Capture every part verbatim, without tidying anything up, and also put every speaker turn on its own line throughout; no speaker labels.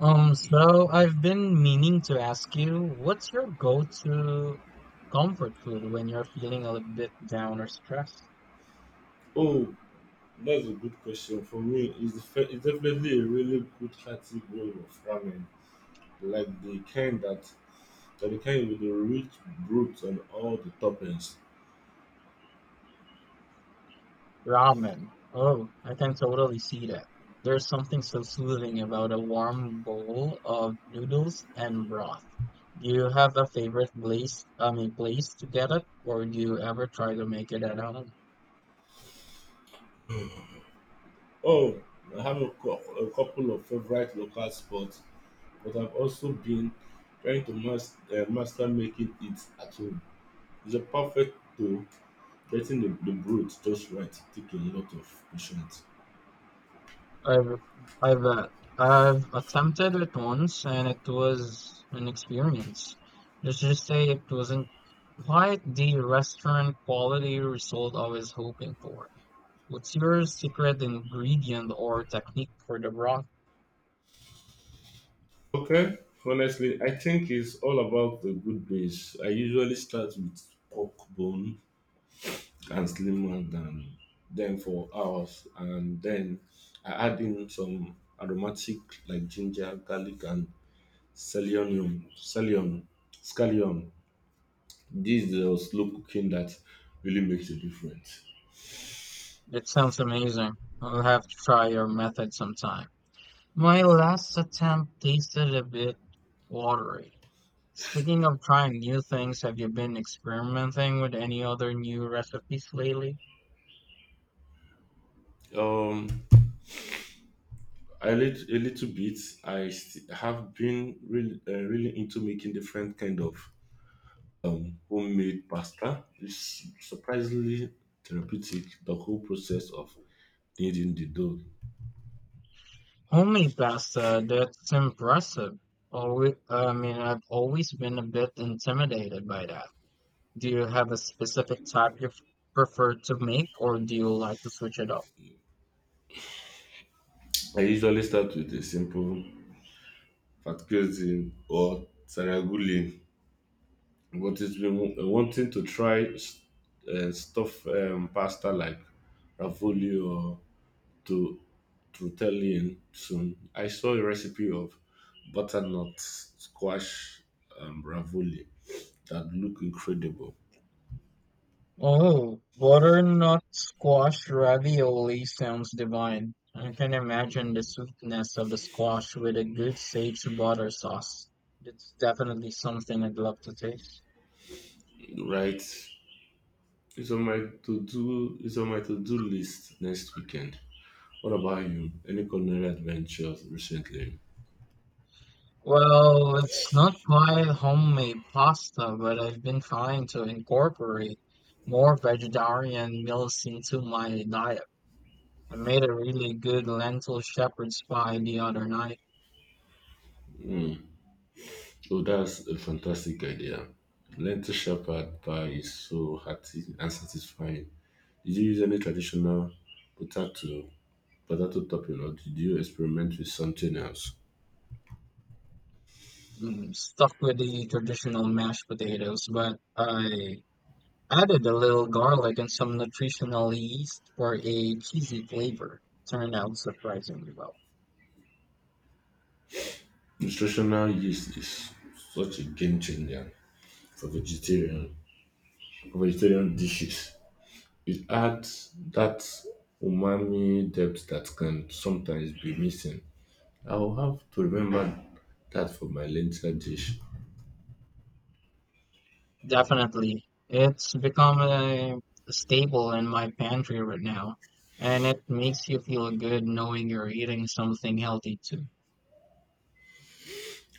Um, so I've been meaning to ask you, what's your go-to comfort food when you're feeling a little bit down or stressed?
Oh, that's a good question. For me, it's, def- it's definitely a really good hearty bowl of ramen, like the kind that, like the kind with the rich broth and all the toppings.
Ramen. Oh, I can totally see that. There's something so soothing about a warm bowl of noodles and broth. Do you have a favorite place, um, a place to get it, or do you ever try to make it at home?
Oh, I have a, cou- a couple of favorite local spots, but I've also been trying to mas- uh, master making it at home. It's a perfect tool, getting the, the broth just right, taking a lot of patience.
I've I've uh, I've attempted it once and it was an experience. Let's just say it wasn't quite the restaurant quality result I was hoping for. What's your secret ingredient or technique for the broth?
Okay, honestly, I think it's all about the good base. I usually start with pork bone and slim and um, then for hours, and then I add in some aromatic like ginger, garlic, and scallion. Scallion, scallion. This is the slow cooking that really makes a difference.
It sounds amazing. I'll have to try your method sometime. My last attempt tasted a bit watery. Speaking of trying new things, have you been experimenting with any other new recipes lately?
Um, I lit a little bit. I st- have been really, uh, really into making different kind of um, homemade pasta is surprisingly therapeutic the whole process of kneading the dough.
Homemade pasta, that's impressive. Always, I mean, I've always been a bit intimidated by that. Do you have a specific type you f- prefer to make, or do you like to switch it up?
I usually start with a simple fat cuisine or saragulin. But it's been wa- wanting to try s- uh, stuff um, pasta like ravioli or to tortellini soon. I saw a recipe of butternut squash um, ravioli that look incredible,
Oh, butternut squash ravioli sounds divine. I can imagine the sweetness of the squash with a good sage butter sauce. It's definitely something I'd love to taste.
right? It's on my to do. It's on my to do list next weekend. What about you? Any culinary adventures recently?
Well, it's not quite homemade pasta, but I've been trying to incorporate more vegetarian meals into my diet. I made a really good lentil shepherd's pie the other night.
Oh, that's a fantastic idea. Lentil shepherd pie is so hearty and satisfying. Did you use any traditional potato potato topping, or did you experiment with something else?
Mm, stuck with the traditional mashed potatoes, but I added a little garlic and some nutritional yeast for a cheesy flavor. Turned out surprisingly well.
Nutritional yeast is such a game changer for vegetarian for vegetarian dishes. It adds that umami depth that can sometimes be missing. I will have to remember that for my lentil dish.
Definitely. It's become a staple in my pantry right now, and it makes you feel good knowing you're eating something healthy too.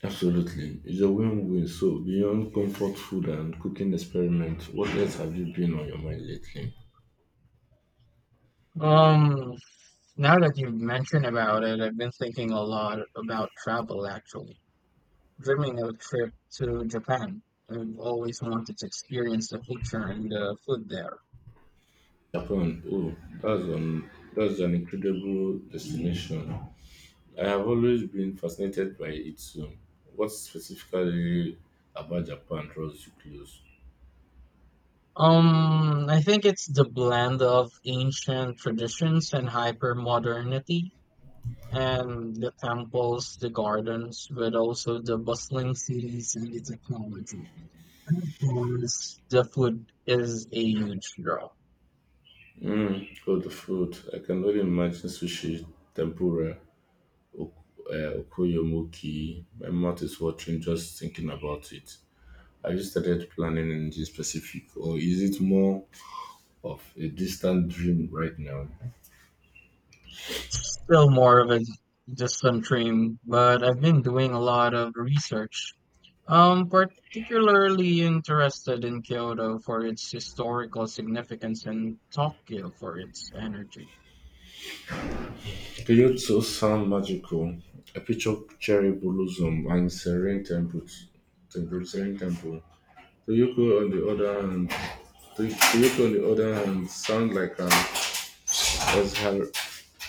Absolutely. It's a win-win. So beyond comfort food and cooking experiment, what else have you been on your mind lately?
Um, Now that you've mentioned about it, I've been thinking a lot about travel actually. Dreaming of a trip to Japan. I've always wanted to experience the culture and the food there.
Japan. Oh, that's an that's an incredible destination. I have always been fascinated by it. So what specifically about Japan draws you close?
Um, I think it's the blend of ancient traditions and hyper modernity. And the temples, the gardens, but also the bustling cities and the technology. And of course, the food is a huge draw.
Mm. Oh, the food. I can only imagine sushi, tempura, ok- uh, okoyomoki. My mouth is watering just thinking about it. Have you started planning anything specific, or is it more of a distant dream right now?
It's still more of a just some dream, but I've been doing a lot of research. Um, particularly interested in Kyoto for its historical significance and Tokyo for its energy.
Kyoto sound magical. I picture cherry blossom and serene temples. Temple, serene temple. Toyoko on the other hand, Toy- Toyoko on the other hand, sound like an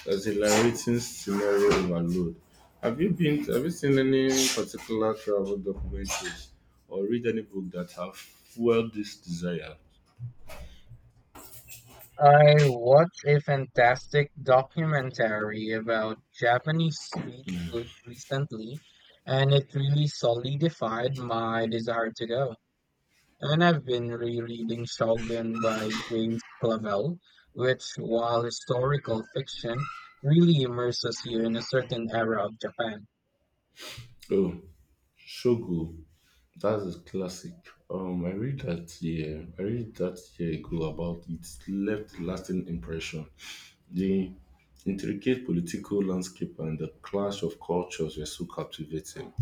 exhilarating scenario overload. Have you been? Have you seen any particular travel documentaries or read any book that have fueled this desire?
I watched a fantastic documentary about Japanese street food recently, and it really solidified my desire to go. And I've been rereading Shogun by James Clavell, which, while historical fiction, really immerses you in a certain era of Japan.
Oh, Shogo, that's a classic. Um, I read that year. I read that year ago about it left lasting impression. The intricate political landscape and the clash of cultures were so captivating.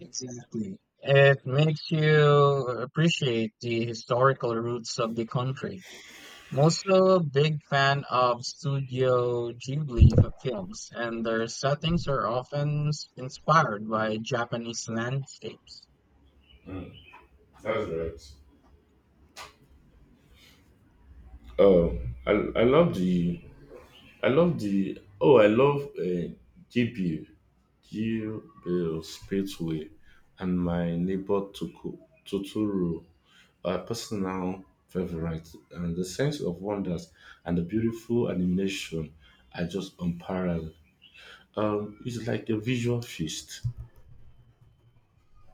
Exactly. It makes you appreciate the historical roots of the country. I'm also a big fan of Studio Ghibli f- films, and their settings are often s- inspired by Japanese landscapes.
That's right. Um, I I love the I love the oh, I love uh, Gabriel Gabriel and my neighbor Tuku Totoro are personal favorite, and the sense of wonders and the beautiful animation are just unparalleled. Um, it's like a visual feast.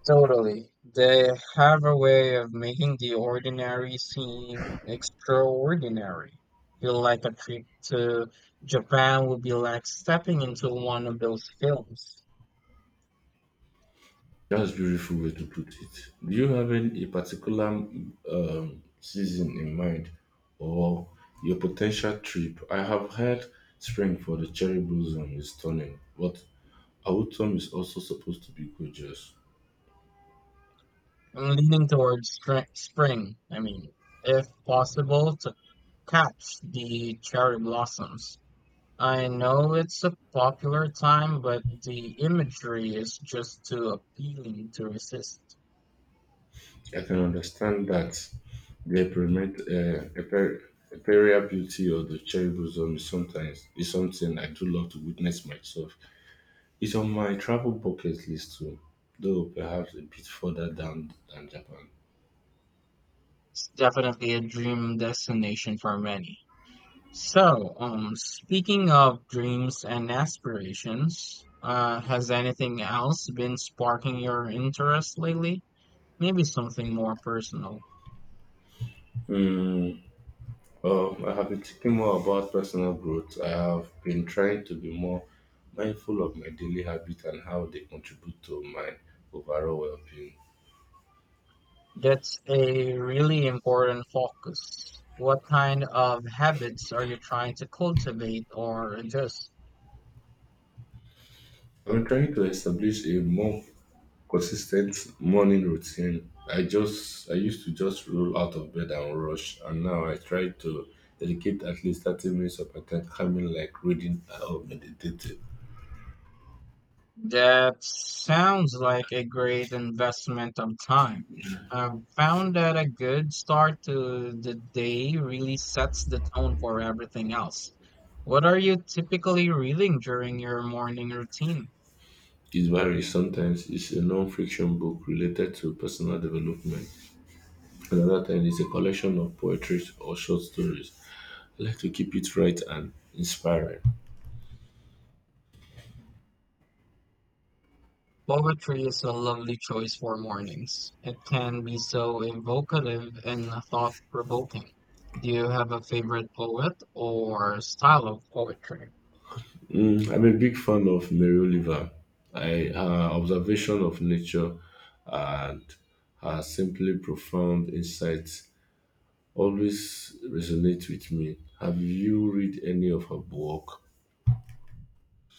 Totally. They have a way of making the ordinary seem extraordinary. Feel like a trip to Japan would be like stepping into one of those films.
That's beautiful way to put it. Do you have any a particular um, season in mind or your potential trip? I have heard spring for the cherry blossom is stunning, but autumn is also supposed to be gorgeous.
I'm leaning towards str- spring, I mean, if possible, to catch the cherry blossoms. I know it's a popular time, but the imagery is just too appealing to resist.
I can understand that the permit, uh, aper- imperial beauty of the cherry blossom is sometimes is something I do love to witness myself. It's on my travel bucket list too, though perhaps a bit further down than Japan.
It's definitely a dream destination for many. So, um, speaking of dreams and aspirations, uh, has anything else been sparking your interest lately? Maybe something more personal.
Mm, um, I have been thinking more about personal growth. I have been trying to be more mindful of my daily habits and how they contribute to my overall well-being.
That's a really important focus. What kind of habits are you trying to cultivate or adjust?
I'm trying to establish a more consistent morning routine. I just I used to just roll out of bed and rush, and now I try to dedicate at least thirty minutes of my time coming like reading or meditating.
That sounds like a great investment of time. I've found that a good start to the day really sets the tone for everything else. What are you typically reading during your morning routine?
It varies sometimes. It's a non-fiction book related to personal development. Another time is a collection of poetry or short stories. I like to keep it right and inspiring.
Poetry is a lovely choice for mornings. It can be so evocative and thought provoking. Do you have a favorite poet or style of poetry?
I'm a big fan of Mary Oliver. I, her observation of nature and her simply profound insights always resonate with me. Have you read any of her book?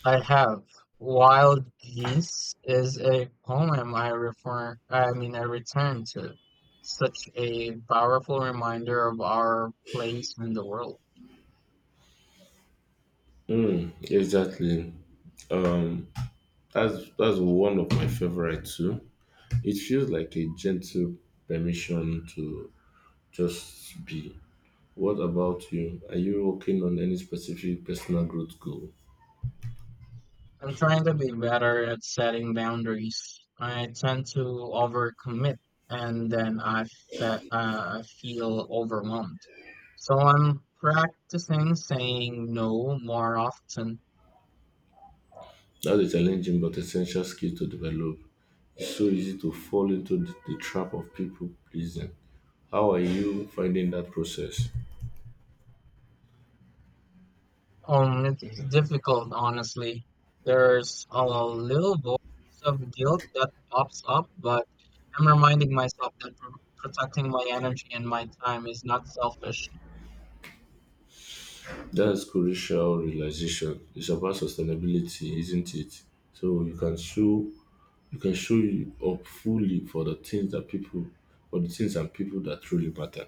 I have. Wild Geese is a poem I refer, I mean, I return to. Such a powerful reminder of our place in the world.
Hmm, exactly. Um, that's that's one of my favorite too. It feels like a gentle permission to just be. What about you? Are you working on any specific personal growth goal?
I'm trying to be better at setting boundaries. I tend to overcommit and then I fe- uh, I feel overwhelmed. So I'm practicing saying no more often.
That's a challenging but essential skill to develop. It's so easy to fall into the, the trap of people pleasing. How are you finding that process?
Um, it's difficult, honestly. There's a little voice of guilt that pops up, but I'm reminding myself that pr- protecting my energy and my time is not selfish,
That's crucial realization. It's about sustainability, isn't it? So you can show you can show you up fully for the things that people for the things and people that truly matter.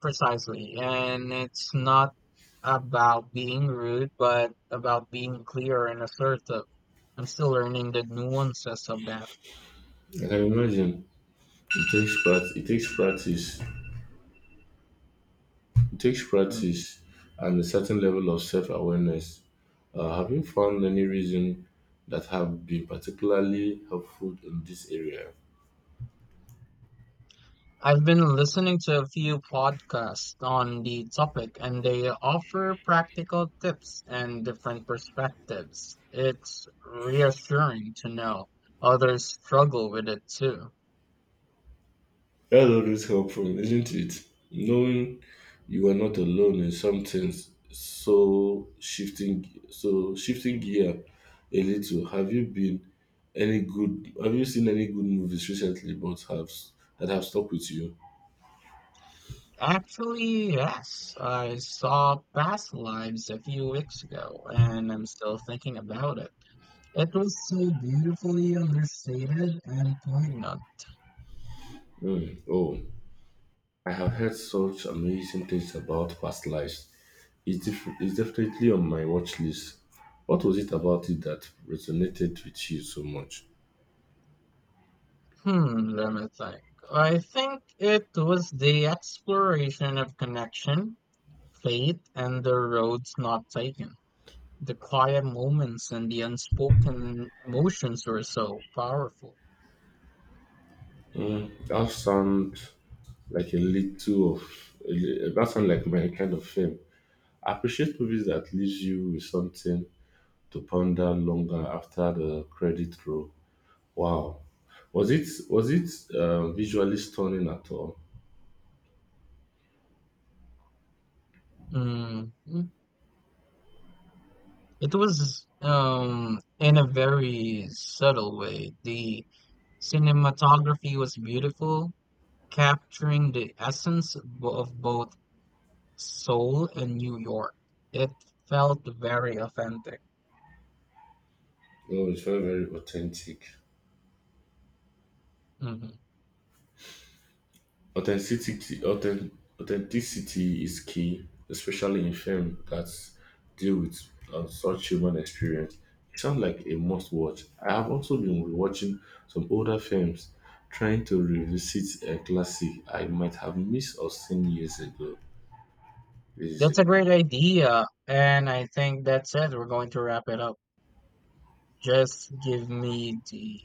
precisely. And it's not about being rude, but about being clear and assertive. I'm still learning the nuances of that.
I can imagine it takes part it takes practice. It takes
Hmm.
practice and a certain level of self awareness. Uh, have you found any reason that have been particularly helpful in this area?
I've been listening to a few podcasts on the topic, and they offer practical tips and different perspectives. It's reassuring to know others struggle with it too.
That's always helpful, isn't it? Knowing you are not alone in some things. So shifting, so shifting gear a little. Have you been any good? Have you seen any good movies recently? But have that have stuck with you?
Actually, yes, I saw Past Lives a few weeks ago, and I'm still thinking about it. It was so beautifully understated and poignant.
Hmm. Oh, I have heard such amazing things about Past Lives. It's, def- it's definitely on my watch list. What was it about it that resonated with you so much?
Hmm, let me think. I think it was the exploration of connection. Faith and the roads not taken. The quiet moments and the unspoken emotions were so powerful.
Mm, that sounds like a little of a li- that sounds like my kind of film. I appreciate movies that leaves you with something to ponder longer after the credit roll. Wow, was it was it uh, visually stunning at all?
Mm, it was um, in a very subtle way. The cinematography was beautiful, capturing the essence of bo- of both Seoul and New York. It felt very authentic.
No, it's very very authentic.
Mhm.
Authenticity, authen- authenticity is key, especially in film that deal with um, such human experience. It sounds like a must watch. I have also been rewatching some older films, trying to revisit a classic I might have missed or seen years ago. Years
That's a
ago.
great idea, and I think that's it. We're going to wrap it up. Just give me the